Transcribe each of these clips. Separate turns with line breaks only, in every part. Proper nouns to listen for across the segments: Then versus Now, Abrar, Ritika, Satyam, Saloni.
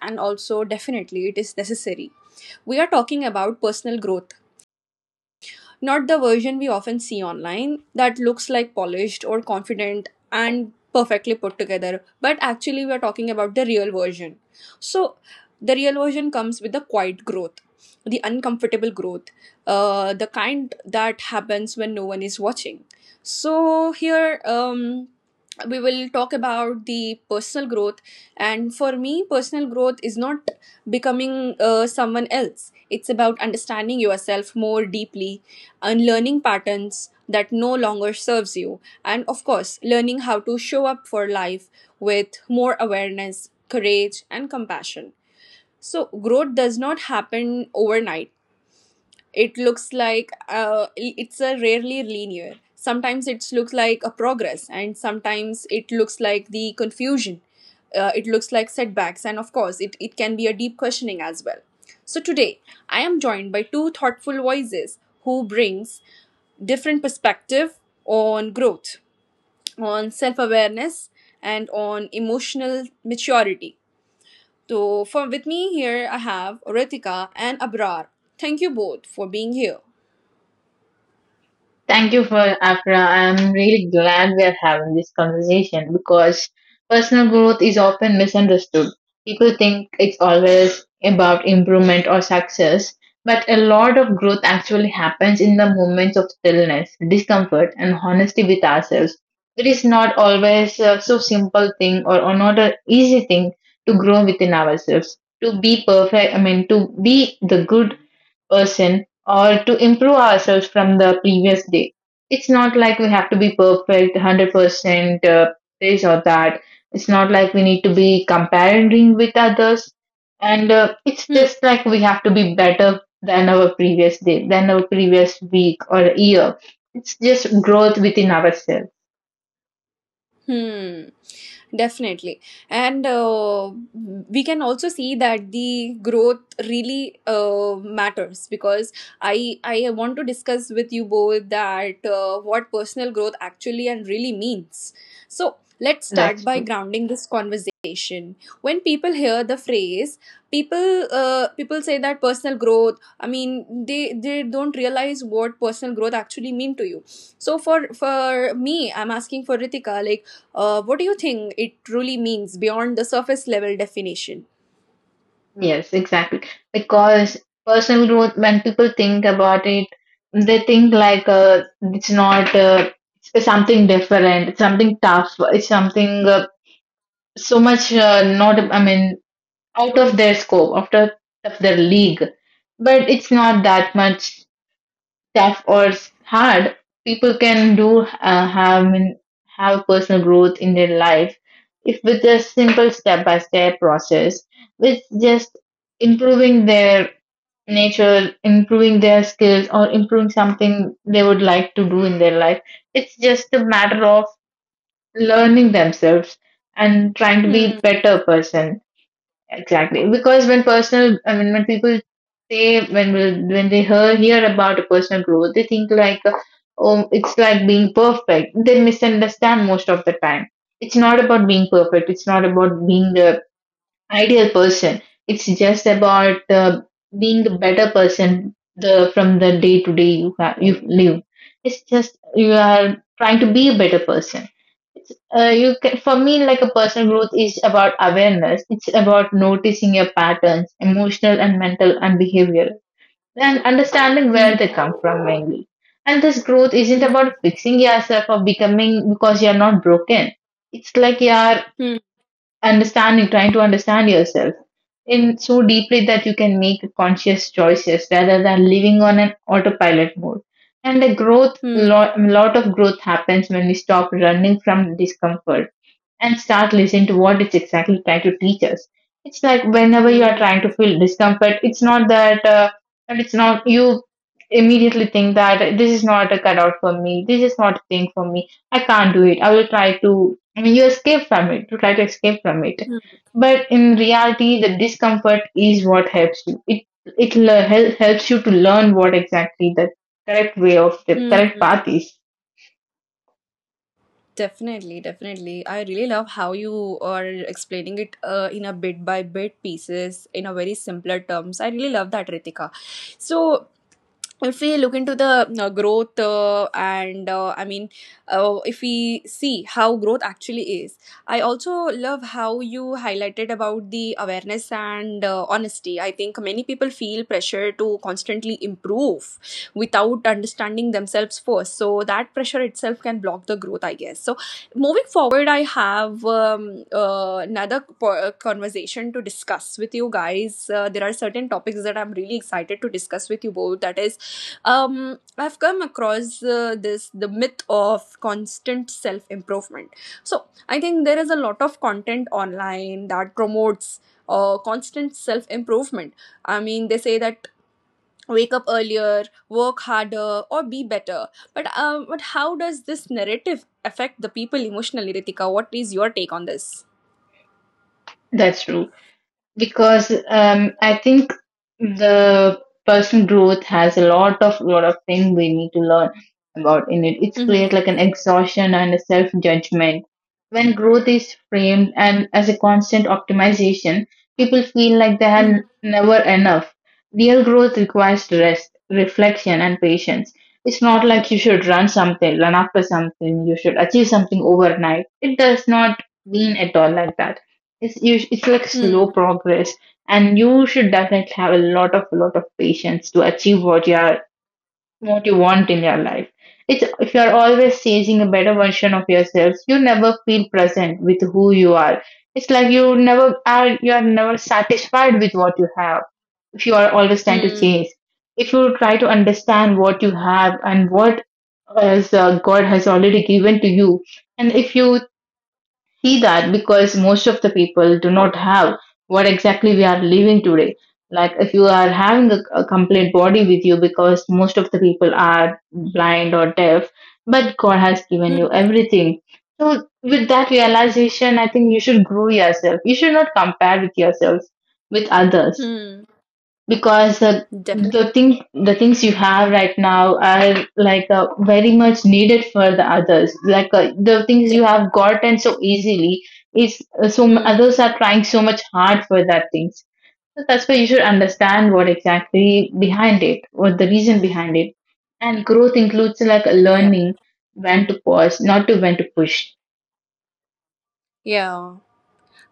And also, definitely, it is necessary. We are talking about personal growth, not the version we often see online that looks like polished or confident and perfectly put together, but actually, we are talking about the real version. So the real version comes with the quiet growth, the uncomfortable growth, the kind that happens when no one is watching. So here, we will talk about the personal growth. And for me, personal growth is not becoming someone else. It's about understanding yourself more deeply, unlearning patterns that no longer serves you, and of course learning how to show up for life with more awareness, courage, and compassion. So growth does not happen overnight. It looks like it's a rarely linear. Sometimes it looks like a progress and sometimes it looks like the confusion. It looks like setbacks, and of course it can be a deep questioning as well. So today I am joined by two thoughtful voices who brings different perspective on growth, on self-awareness, and on emotional maturity. So for with me here, I have Ritika and Abrar. Thank you both for being here.
Thank you for Afra. I'm really glad we are having this conversation because personal growth is often misunderstood. People think it's always about improvement or success, but a lot of growth actually happens in the moments of stillness, discomfort, and honesty with ourselves. It is not always so simple thing or not an easy thing to grow within ourselves. To be perfect, I mean, to be the good person or to improve ourselves from the previous day. It's not like we have to be perfect, 100% this or that. It's not like we need to be comparing with others. And it's
Hmm.
just like we have to be better than our previous day, than our previous week or year. It's just growth within ourselves.
Hmm. Definitely. And we can also see that the growth really matters, because I want to discuss with you both that what personal growth actually and really means. So let's start
That's
by
true.
grounding this conversation. When people hear the phrase, people say that personal growth, I mean, they don't realize what personal growth actually mean to you. So for me, I'm asking for Ritika, like, what do you think it truly means beyond the surface level definition?
Yes, exactly. Because personal growth, when people think about it, they think like it's not, it's something different, it's something tough, it's something so much, not, I mean, out of their scope, out of their league. But it's not that much tough or hard. People can do have in- have personal growth in their life if with a simple step by step process, with just improving their nature, improving their skills, or improving something they would like to do in their life. It's just a matter of learning themselves and trying to
Hmm.
be better person. Exactly, because I mean, when people say, when they hear about a personal growth, they think like, oh, it's like being perfect. They misunderstand most of the time. It's not about being perfect. It's not about being the ideal person. It's just about being a better person the from the day to day you have, you live. It's just you are trying to be a better person. For me, like a personal growth is about awareness. It's about noticing your patterns, emotional and mental and behavioral, and understanding where they
Hmm.
come from mainly. And this growth isn't
Hmm.
about fixing yourself or becoming, because you're not broken. It's like you're understanding, trying to understand yourself in so deeply that you can make conscious choices rather than living on an autopilot mode. And the growth,
Hmm.
lot of growth happens when we stop running from discomfort and start listening to what it's exactly trying to teach us. It's like whenever you are trying
Hmm.
to feel discomfort, it's not that, and it's not you immediately think that this is not a cutout for me, this is not a thing for me, I can't do it. I will try to, I mean, you escape from it, you try to escape from it.
Hmm.
But in reality, the discomfort is what helps you. It helps you to learn what exactly the correct way of the correct
Hmm.
path is.
Definitely, definitely. I really love how you are explaining it in a bit by bit pieces in a very simpler terms. I really love that, Ritika. So if we look into the growth and I mean if we see how growth actually is. I also love how you highlighted about the awareness and honesty. I think many people feel pressure to constantly improve without understanding themselves first, so that pressure itself can block the growth, I guess. So moving forward, I have another conversation to discuss with you guys. There are certain topics that I'm really excited to discuss with you both, that is, I've come across this the myth of constant self improvement. So I think there is a lot of content online that promotes constant self improvement. I mean, they say that, wake up earlier, work harder, or be better. But but how does this narrative affect the people emotionally? Ritika, what is your take on this?
That's true. Because I think the personal growth has a lot of things we need to learn about in it. It's
Mm-hmm.
create like an exhaustion and a self judgment. When growth is framed and as a constant optimization, people feel like they
Mm-hmm.
are never enough. Real growth requires rest, reflection, and patience. It's not like you should run after something, you should achieve something overnight. It does not mean at all like that, it's like
Mm-hmm.
slow progress, and you should definitely have a lot of patience to achieve what you want in your life. It's If you are always chasing a better version of yourself, you never feel present with who you are. It's like you are never satisfied with what you have. If you are always trying to chase If you try to understand what you have and what as God has already given to you, and if you see that, because most of the people do not have what exactly we are living today. Like if you are having a complete body with you, because most of the people are blind or deaf, but God has given you
Mm-hmm.
everything. So with that realization, I think you should grow yourself. You should not compare with yourself with others,
Mm-hmm.
because
Definitely,
the things you have right now are like very much needed for the others, like the things you have
definitely.
gotten so easily is
Mm.
others are trying so much hard for that things. So that's why you should understand what exactly behind it, what the reason behind it. And growth includes like
Yeah,
learning when to pause, not to when to push.
yeah.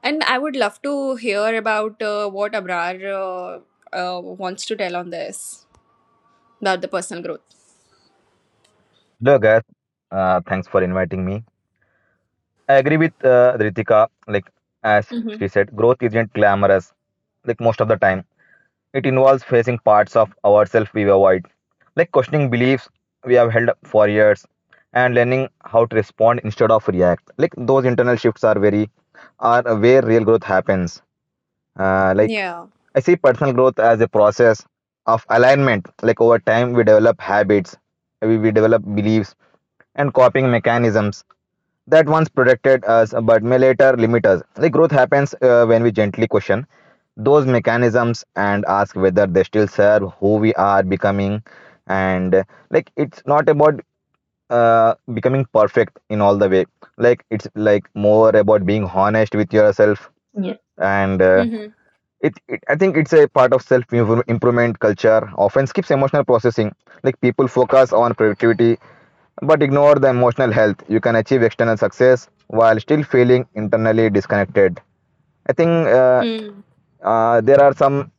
And I would love to hear about what Abrar uh, wants to tell on this about the personal growth.
Hello, guys. Thanks for inviting me. I agree with Ritika. Like as
Mm-hmm.
she said, growth isn't glamorous. Like most of the time, it involves facing parts of ourselves we avoid, like questioning beliefs we have held up for years, and learning how to respond instead of react. Like those internal shifts are very are where real growth happens. Like
Yeah.
I see personal growth as a process of alignment. Like over time, we develop habits, we develop beliefs and coping mechanisms that once protected us but may later limit us. Like growth happens when we gently question those mechanisms and ask whether they still serve who we are becoming. And like it's not about becoming perfect in all the way. Like it's like more about being honest with yourself
Yes.
and
Mm-hmm.
it, it I think it's a part of self improvement culture often skips emotional processing. Like people focus on productivity but ignore the emotional health. You can achieve external success while still feeling internally disconnected. I think there are some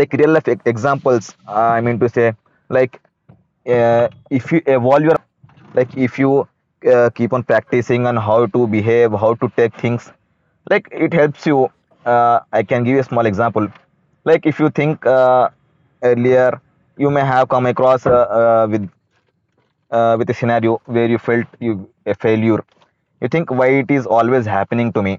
like real life examples. I mean to say like if you evolve your mindset, like if you keep on practicing on how to behave, how to take things, like it helps you. I can give you a small example. Like if you think earlier you may have come across uh, with with a scenario where you felt you a failure, you think why it is always happening to me.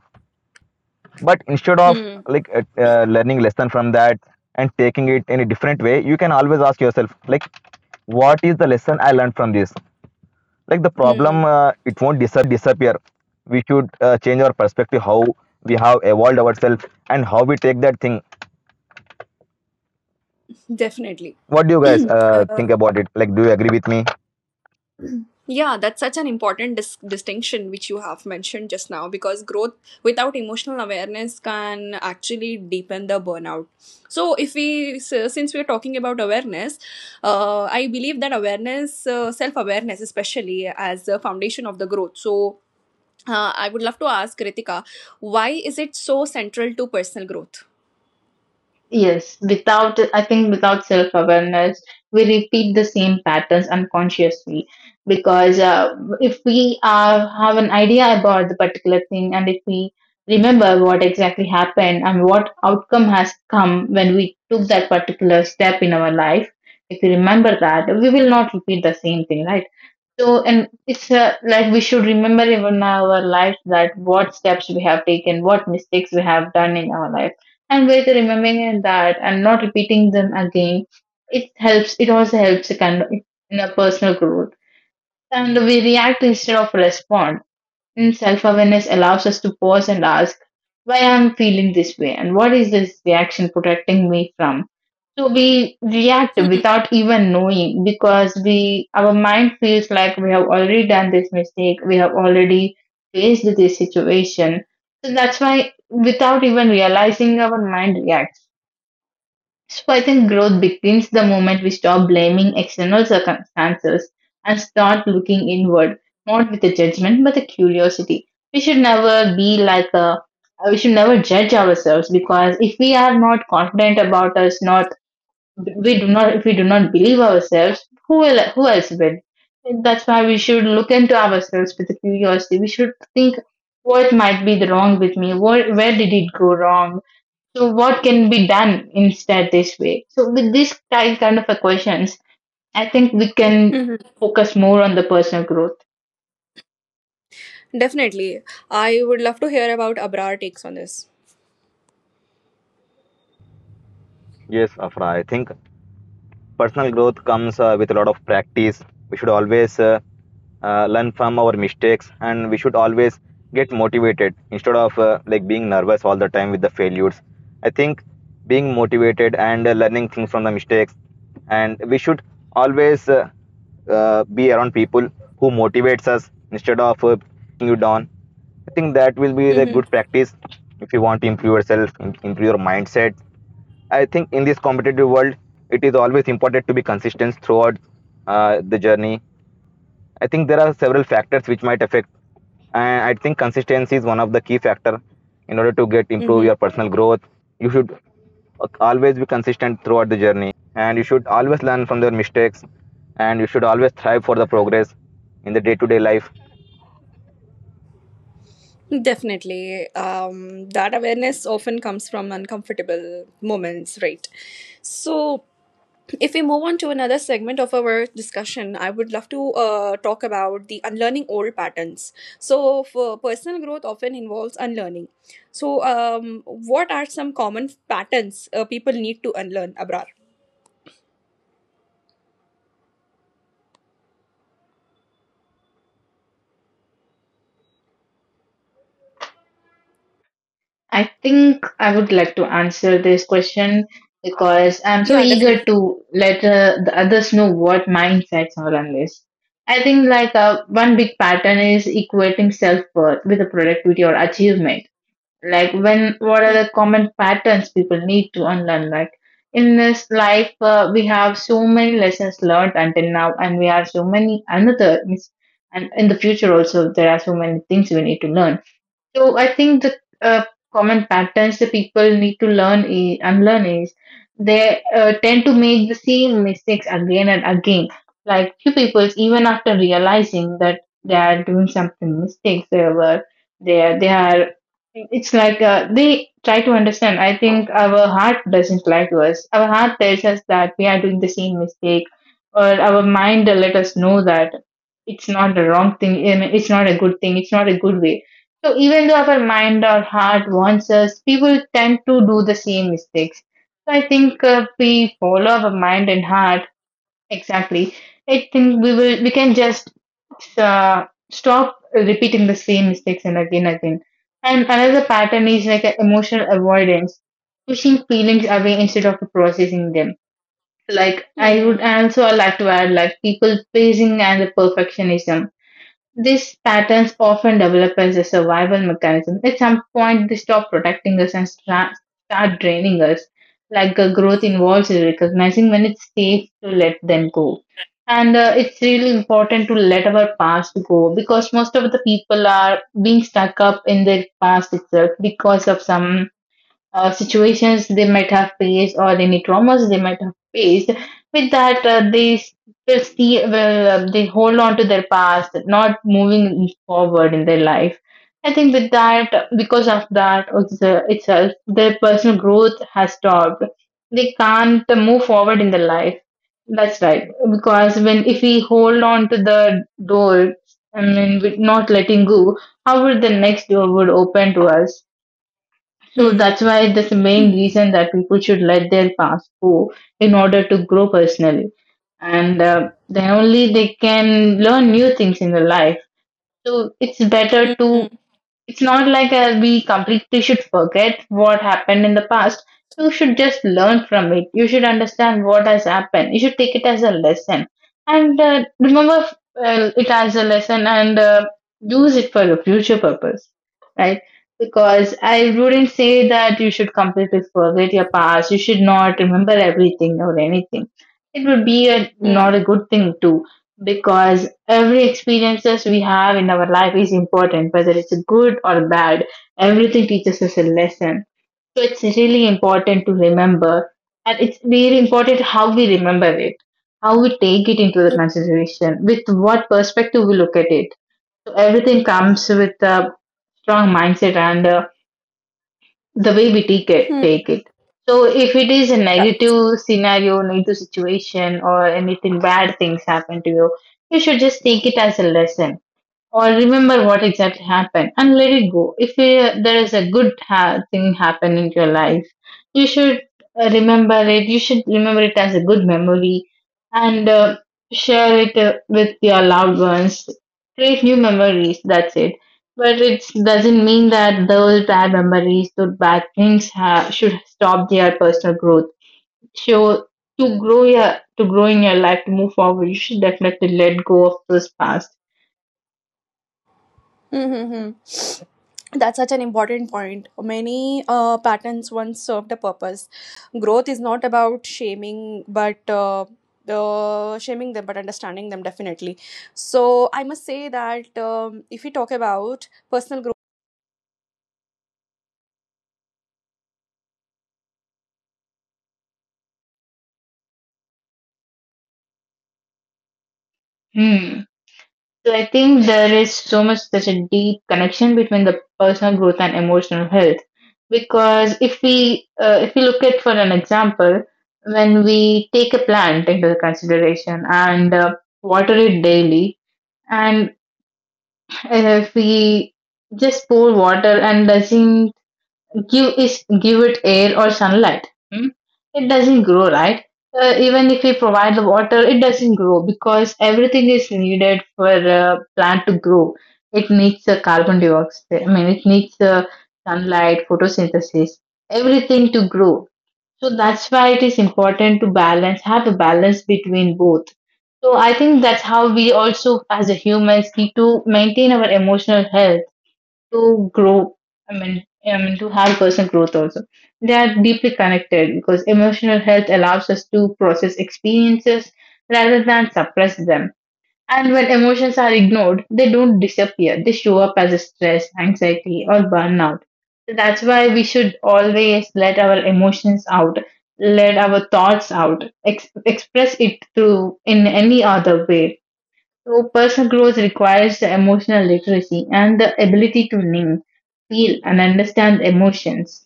But instead of
Mm-hmm.
like learning lesson from that and taking it in a different way, you can always ask yourself like what is the lesson I learned from this. Like the problem,
Mm-hmm.
it won't disappear. We should change our perspective, how we have evolved ourselves and how we take that thing.
Definitely.
What do you guys think
um,
about it? Like do you agree with me?
Yeah that's such an important distinction which you have mentioned just now, because growth without emotional awareness can actually deepen the burnout. So if we s- since we're talking about awareness, I believe that awareness, self awareness, especially as the foundation of the growth. So, I would love to ask Ritika, why is it so central to personal growth?
Yes, without, I think without self awareness, we repeat the same patterns unconsciously. Because if we have an idea about the particular thing, and if we remember what exactly happened and what outcome has come when we took that particular step in our life, if we remember that, we will not repeat the same thing, right? So, and it's like we should remember even our lives that what steps we have taken, what mistakes we have done in our life, and with remembering that and not repeating them again, it helps. It also helps a kind of in a personal growth, and we react instead of respond. And self awareness allows us to pause and ask why I'm feeling this way and what is this reaction protecting me from. So we react
Hmm.
without even knowing, because we our mind feels like we have already done this mistake, we have already faced this situation. So that's why, without even realizing, our mind reacts. So I think growth begins the moment we stop blaming external circumstances and start looking inward, not with a judgment but a curiosity. We should never be like a we should never judge ourselves, because if we are not confident about us, not we do not if we do not believe ourselves, who else will? That's why we should look into ourselves with a curiosity. We should think, what might be the wrong with me? What? Where did it go wrong? So what can be done instead this way? So with these kind of a questions, I think we can
Mhm.
focus more on the personal growth.
Definitely. I would love to hear about Abrar takes on this.
Yes, Afra, I think personal growth comes with a lot of practice. We should always learn from our mistakes, and we should always get motivated instead of like being nervous all the time with the failures. I think being motivated and learning things from the mistakes, and we should always be around people who motivates us instead of making you down. I think that will be the
Mm-hmm.
good practice if you want to improve yourself, improve your mindset. I think in this competitive world, it is always important to be consistent throughout the journey. I think there are several factors which might affect, and I think consistency is one of the key factor in order to get improve your personal growth. You should always be consistent throughout the journey, and you should always learn from their mistakes, and you should always thrive for the progress in the day-to-day life.
Definitely. That awareness often comes from uncomfortable moments, right? So if we move on to another segment of our discussion, I would love to talk about the unlearning old patterns. So, for personal growth often involves unlearning. So, what are some common patterns people need to unlearn, Abrar?
I think I would like to answer this question because I'm so
Yeah,
eager
definitely.
to let the others know what my insights are on this. I think like one big pattern is equating self-worth with the productivity or achievement, like when what are
Hmm.
the common patterns people need to unlearn, like in this life we have so many lessons learned until now, and we have so many and in the future also, there are so many things we need to learn. So I think the uh, common patterns the people need to learn is unlearn, is they tend to make the same mistakes again and again. Like few people, even after realizing that they are doing something mistakes, they are. It's like they try to understand. I think our heart doesn't lie to us. Our heart tells us that we are doing the same mistake, or our mind let us know that it's not the wrong thing and it's not a good thing. It's not a good way. So even though our mind or heart wants us, people tend to do the same mistakes. So I think if we follow our mind and heart exactly, I think we can just uh, stop repeating the same mistakes and again and again. And another pattern is like a emotional avoidance, pushing feelings away instead of processing them. Like I would
Hmm.
also like to add, like, people pleasing and the perfectionism, these patterns often develop as a survival mechanism. At some point, they stop protecting us and start draining us. Like growth involves recognizing when it's safe to let them go. And it's really important to let our past go, because most of the people are being stuck up in their past itself, because of some situations they might have faced or any traumas they might have faced. With that, they they see well, they hold on to their past, not moving forward in their life. I think with that, because of that also itself, their personal growth has stopped. They can't move forward in their life. That's right. Because when if we hold on to the door, I mean, with not letting go, how would the next door would open to us? So
Hmm.
that's why that's the main reason that people should let their past go in order to grow personally. And then only they can learn new things in their life. So it's better to
Hmm.
it's not like we completely should forget what happened in the past. You should just learn from it. You should understand what has happened. You should take it as a lesson and remember it as a lesson and use it for your future purpose, right? Because I wouldn't say that you should completely forget your past. You should not remember everything or anything. It would be
Hmm.
not a good thing too, because every experiences we have in our life is important. Whether it's good or bad, everything teaches us a lesson, so it's really important to remember, and it's very important how we remember it, how we take it into the
Hmm.
consideration, with what perspective we look at it. So everything comes with a strong mindset and the way we take it
Hmm.
take it So if it is a
Yeah.
negative scenario, negative situation, or anything bad things happen to you, you should just take it as a lesson or remember what exactly happened and let it go. If there is a good thing happen in your life, you should remember it. You should remember it as a good memory and share it with your loved ones. Create new memories. That's it. But it doesn't mean that those bad memories, those bad things, should stop their personal growth. So to grow your to grow in your life, to move forward, you should definitely let go of those past.
Hmm. Hmm. Hmm. That's such an important point. Many patterns once served a purpose. Growth is not about shaming, but shaming them, but understanding them. Definitely. So I must say that, if we talk about personal growth.
Hmm. So I think there is so much such a deep connection between the personal growth and emotional health, because if we look at for an example, when we take a plant into consideration and water it daily, and if we just pour water and doesn't give it air or sunlight, hmm? it doesn't grow, right? Even if we provide the water, it doesn't grow because everything is needed for a plant to grow. It needs the carbon dioxide, I mean, it needs the sunlight, photosynthesis, everything to grow. So that's why it is important to balance have a balance between both. So I think that's how we also as a humans need to maintain our emotional health to grow. I mean, to have personal growth also. They are deeply connected because emotional health allows us to process experiences rather than suppress them. And when emotions are ignored, they don't disappear. They show up as stress, anxiety, or burnout. So that's why we should always let our emotions out, let our thoughts out, express it through in any other way. So, personal growth requires the emotional literacy and the ability to name, feel, and understand emotions.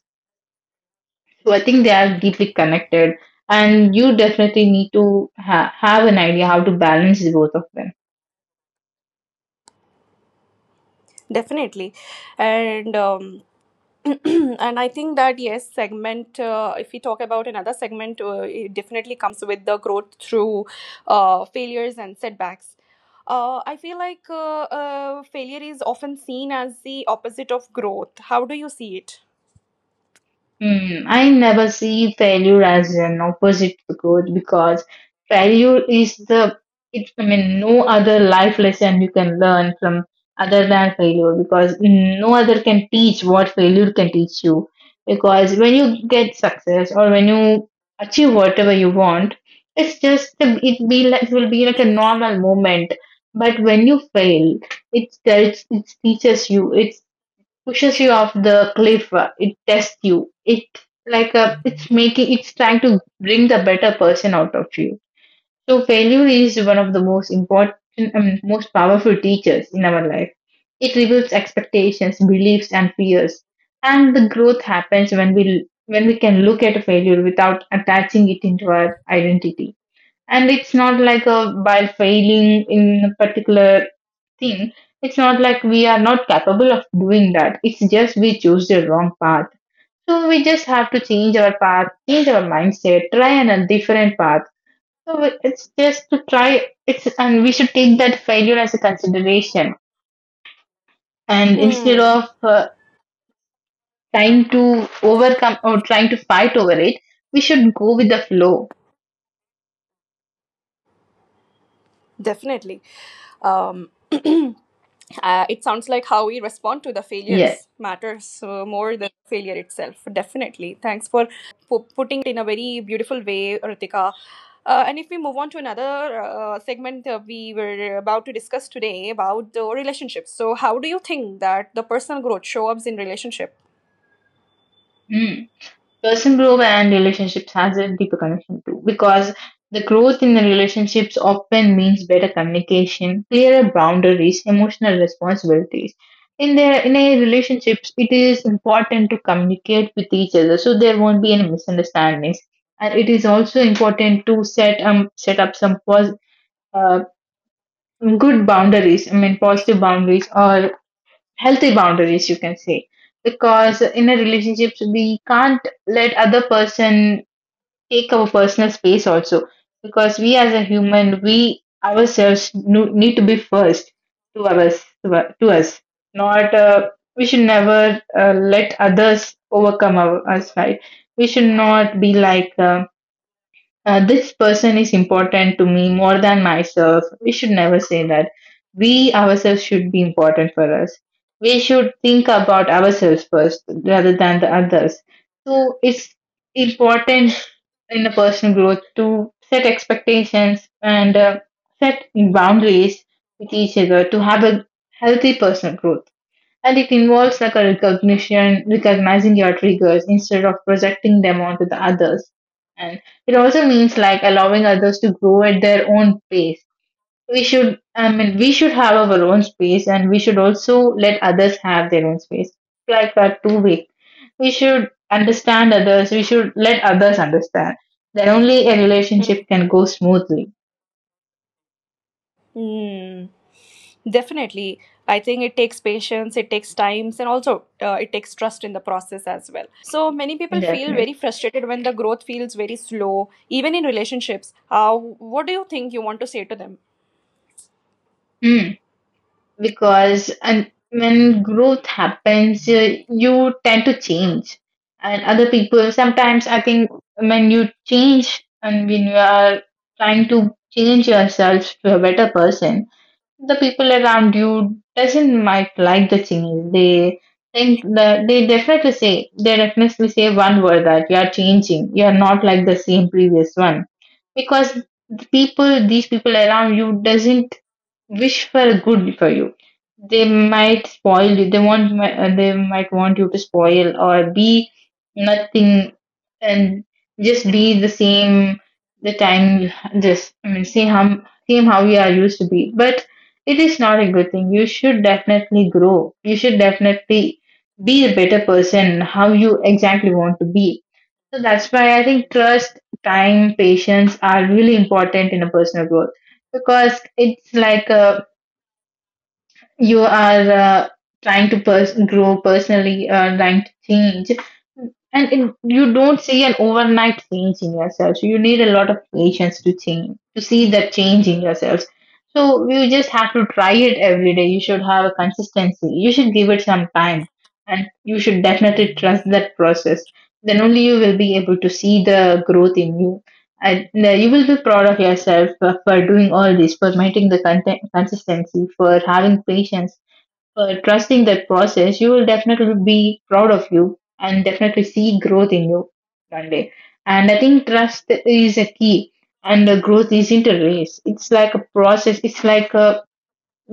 So, I think they are deeply connected, and you definitely need to have an idea how to balance the both of them.
Definitely. And and I think that, yes, segment. If we talk about another segment, it definitely comes with the growth through failures and setbacks. I feel like failure is often seen as the opposite of growth. How do you see it?
Hmm. I never see failure as an opposite to growth, because failure is the it's, I mean, no other life lesson you can learn from other than failure, because no other can teach what failure can teach you. Because when you get success or when you achieve whatever you want, it's just it will be like a normal moment. But when you fail, it teaches you, it pushes you off the cliff. It tests you. It like uh, it's making it's trying to bring the better person out of you. So failure is one of the most important and most powerful teachers in our life. It reveals expectations, beliefs, and fears. And the growth happens when we can look at a failure without attaching it into our identity. And it's not like a while failing in a particular thing, it's not like we are not capable of doing that. It's just we choose the wrong path. So we just have to change our path, change our mindset, try a different path. So it's just to try. It's and we should take that failure as a consideration, and instead
Hmm.
of uh, trying to overcome or trying to fight over it, we should go with the flow.
Definitely. Um, it sounds like how we respond to the
Yeah.
failures matters more than failure itself. Definitely. Thanks for putting it in a very beautiful way, Ritika. And if we move on to another segment, we were about to discuss today about the relationships. So how do you think that the personal growth shows up in relationship?
Hmm. Person growth and relationships has a deeper connection too, because the growth in the relationships often means better communication, clearer boundaries, emotional responsibilities. In a relationships, it is important to communicate with each other so there won't be any misunderstandings. And it is also important to set up some uh, good boundaries, I mean positive boundaries or healthy boundaries, you can say. Because in a relationship, we can't let other person take our personal space also, because we as a human, we ourselves need to be first to us, not we should never let others overcome us, right? We should not be like this person is important to me more than myself. We should never say that. We ourselves should be important for us. We should think about ourselves first rather than the others. So it's important in the personal growth to set expectations and set boundaries with each other to have a healthy personal growth. And it involves like a recognizing your triggers instead of projecting them onto the others. And it also means like allowing others to grow at their own pace. We should, I mean, we should have our own space, and we should also let others have their own space like that too. Big, we should understand others, we should let others understand, then only a relationship can go smoothly.
Mm, definitely. I think it takes patience, it takes times, and also it takes trust in the process as well. So many people feel very
Definitely.
frustrated when the growth feels very slow, even in relationships. What do you think you want to say to them?
Hmm. because and when growth happens, you tend to change, and other people sometimes, I think, when you change and when you are trying to change yourself to a better person, the people around you doesn't might like the change. They think that they definitely say one word, that you are changing. You are not like the same previous one, because these people around you doesn't wish for good for you. They might spoil you. They might want you to spoil or be nothing, and just be the same. The time just I mean, see how you are used to be. But it is not a good thing. You should definitely grow. You should definitely be a better person, how you exactly want to be. So that's why I think trust, time, patience are really important in a personal growth, because it's like a you are trying to grow personally, trying to change, and you don't see an overnight change in yourself. So you need a lot of patience to change, to see that change in yourself. So you just have to try it every day. You should have a consistency. You should give it some time, and you should definitely trust that process. Then only you will be able to see the growth in you. And no, you will be proud of yourself for doing all this, for maintaining the consistency, for having patience, for trusting that process. You will definitely be proud of you and definitely see growth in you one day. And I think trust is a key, and the growth isn't a race. It's like a process. It's like a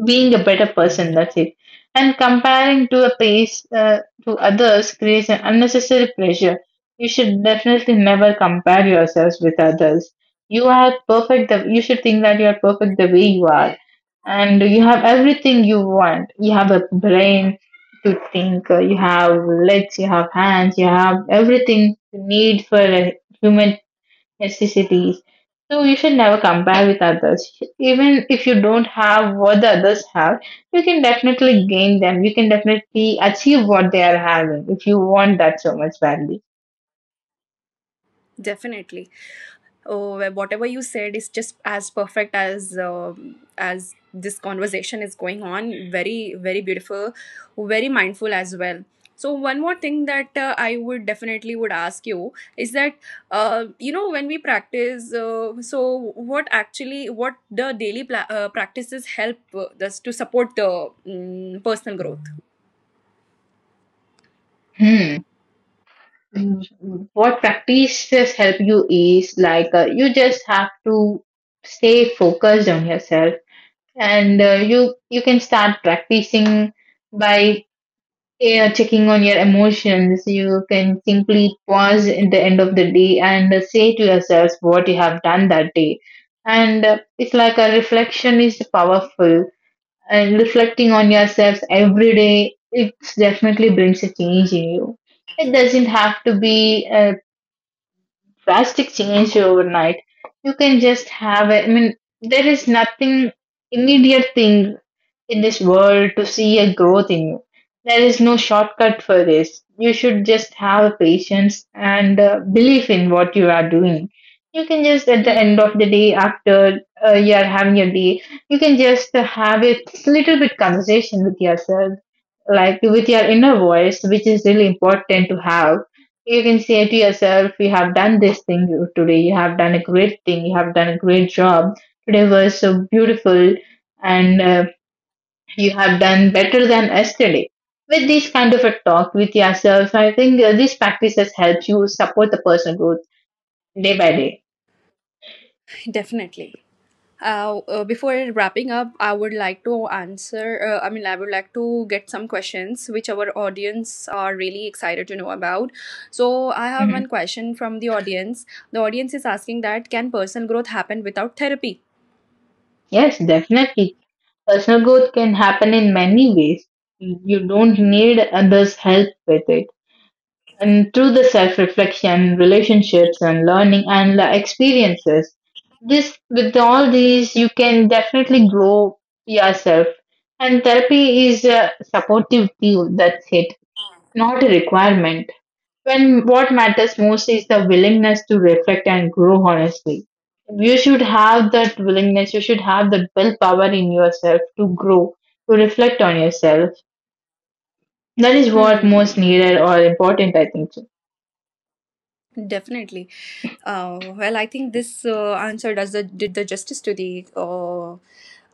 being a better person, that's it. And comparing to a pace to others creates an unnecessary pressure. You should definitely never compare yourselves with others. You are perfect, you should think that you are perfect the way you are, and you have everything you want. You have a brain to think, you have legs, you have hands, you have everything you need for a human necessities. So you should never compare with others. Even if you don't have what the others have, you can definitely gain them. You can definitely achieve what they are having if you want that so much badly.
Definitely. Oh, well, whatever you said is just as perfect as as this conversation is going on. Very, very beautiful, very mindful as well. So one more thing that I would definitely would ask you is that, you know, when we practice, so what actually, what the daily practices help us to support the personal growth.
Hmm. What practices help you is like you just have to stay focused on yourself, and you can start practicing by, yeah, checking on your emotions. You can simply pause at the end of the day and say to yourself what you have done that day. And it's like a reflection is powerful. And reflecting on yourself every day, it definitely brings a change in you. It doesn't have to be a drastic change overnight. You can just have it. I mean, there is nothing immediate thing in this world to see a growth in you. There is no shortcut for this. You should just have patience and belief in what you are doing. You can just, at the end of
Mm,
the day, after you are having your day, you can just have a little bit conversation with yourself, like with your inner voice, which is really important to have. You can say to yourself, you have done this thing today, you have done a great thing, you have done a great job. Today was so beautiful, and you have done better than yesterday. With this kind of a talk with yourself, I think this practice has helped you support the personal growth day by day.
definitely. Before wrapping up, I would like to answer. I mean, I would like to get some questions which our audience are really excited to know about. So I have
Mhm.
one question from the audience. The audience is asking that, can personal growth happen without therapy?
Yes, definitely. Personal growth can happen in many ways. You don't need others' help with it. And through the self reflection, relationships, and learning and the experiences, this with all these, you can definitely grow yourself. And therapy is a supportive tool, that's it. Not a requirement. When what matters most is the willingness to reflect and grow honestly. You should have that willingness, you should have that willpower in yourself to grow, to reflect on yourself. That is what most
Hmm,
needed or important, I think so.
definitely. Well, I think this answer does the did the justice to the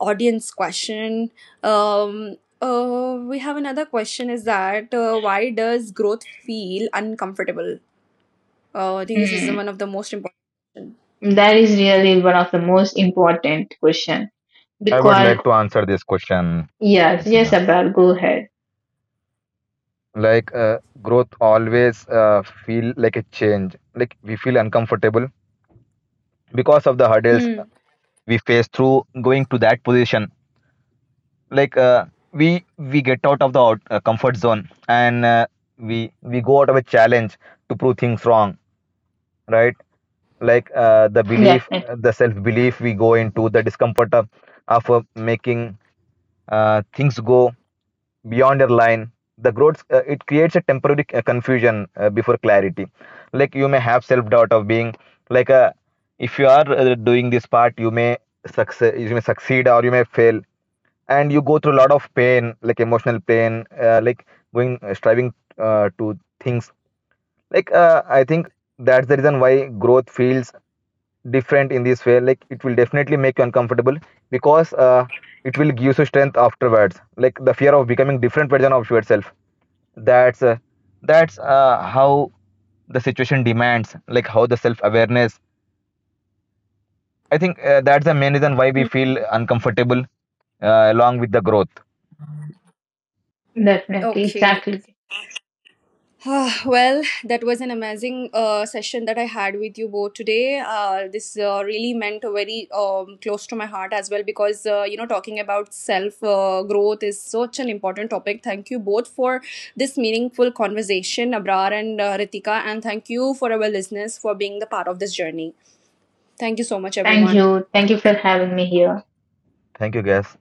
audience question. Um, we have another question is that, why does growth feel uncomfortable? I think this is
Hmm.
one of the most important.
That is really one of the most important question,
I would
because
like to answer this question,
yes, yes,
Ritika.
Abel, go ahead.
Growth always feel like a change. Like we feel uncomfortable because of the hurdles
Hmm.
we face through going to that position. Like we get out of the comfort zone, and we go out of a challenge to prove things wrong, right? Like the belief,
Definitely,
the self belief, we go into the discomfort of making things go beyond your line. The growth, it creates a temporary confusion before clarity. Like you may have self doubt of being like a, if you are doing this part you may success, you may succeed or you may fail, and you go through a lot of pain, like emotional pain, like going striving to things like. I think that's the reason why growth feels different in this way. Like it will definitely make you uncomfortable because it will give you strength afterwards, like the fear of becoming different version of yourself. That's uh, that's how the situation demands, like how the self awareness. I think that's the main reason why we
Hmm.
feel uncomfortable along with the growth.
definitely,
Okay.
exactly.
Ah, well, that was an amazing session that I had with you both today. This really meant a very close to my heart as well, because talking about self growth is such an important topic. Thank you both for this meaningful conversation, Abrar and Ritika. And thank you for our listeners for being the part of this journey. Thank you so much, everyone.
Thank you for having me here.
Thank you, guys.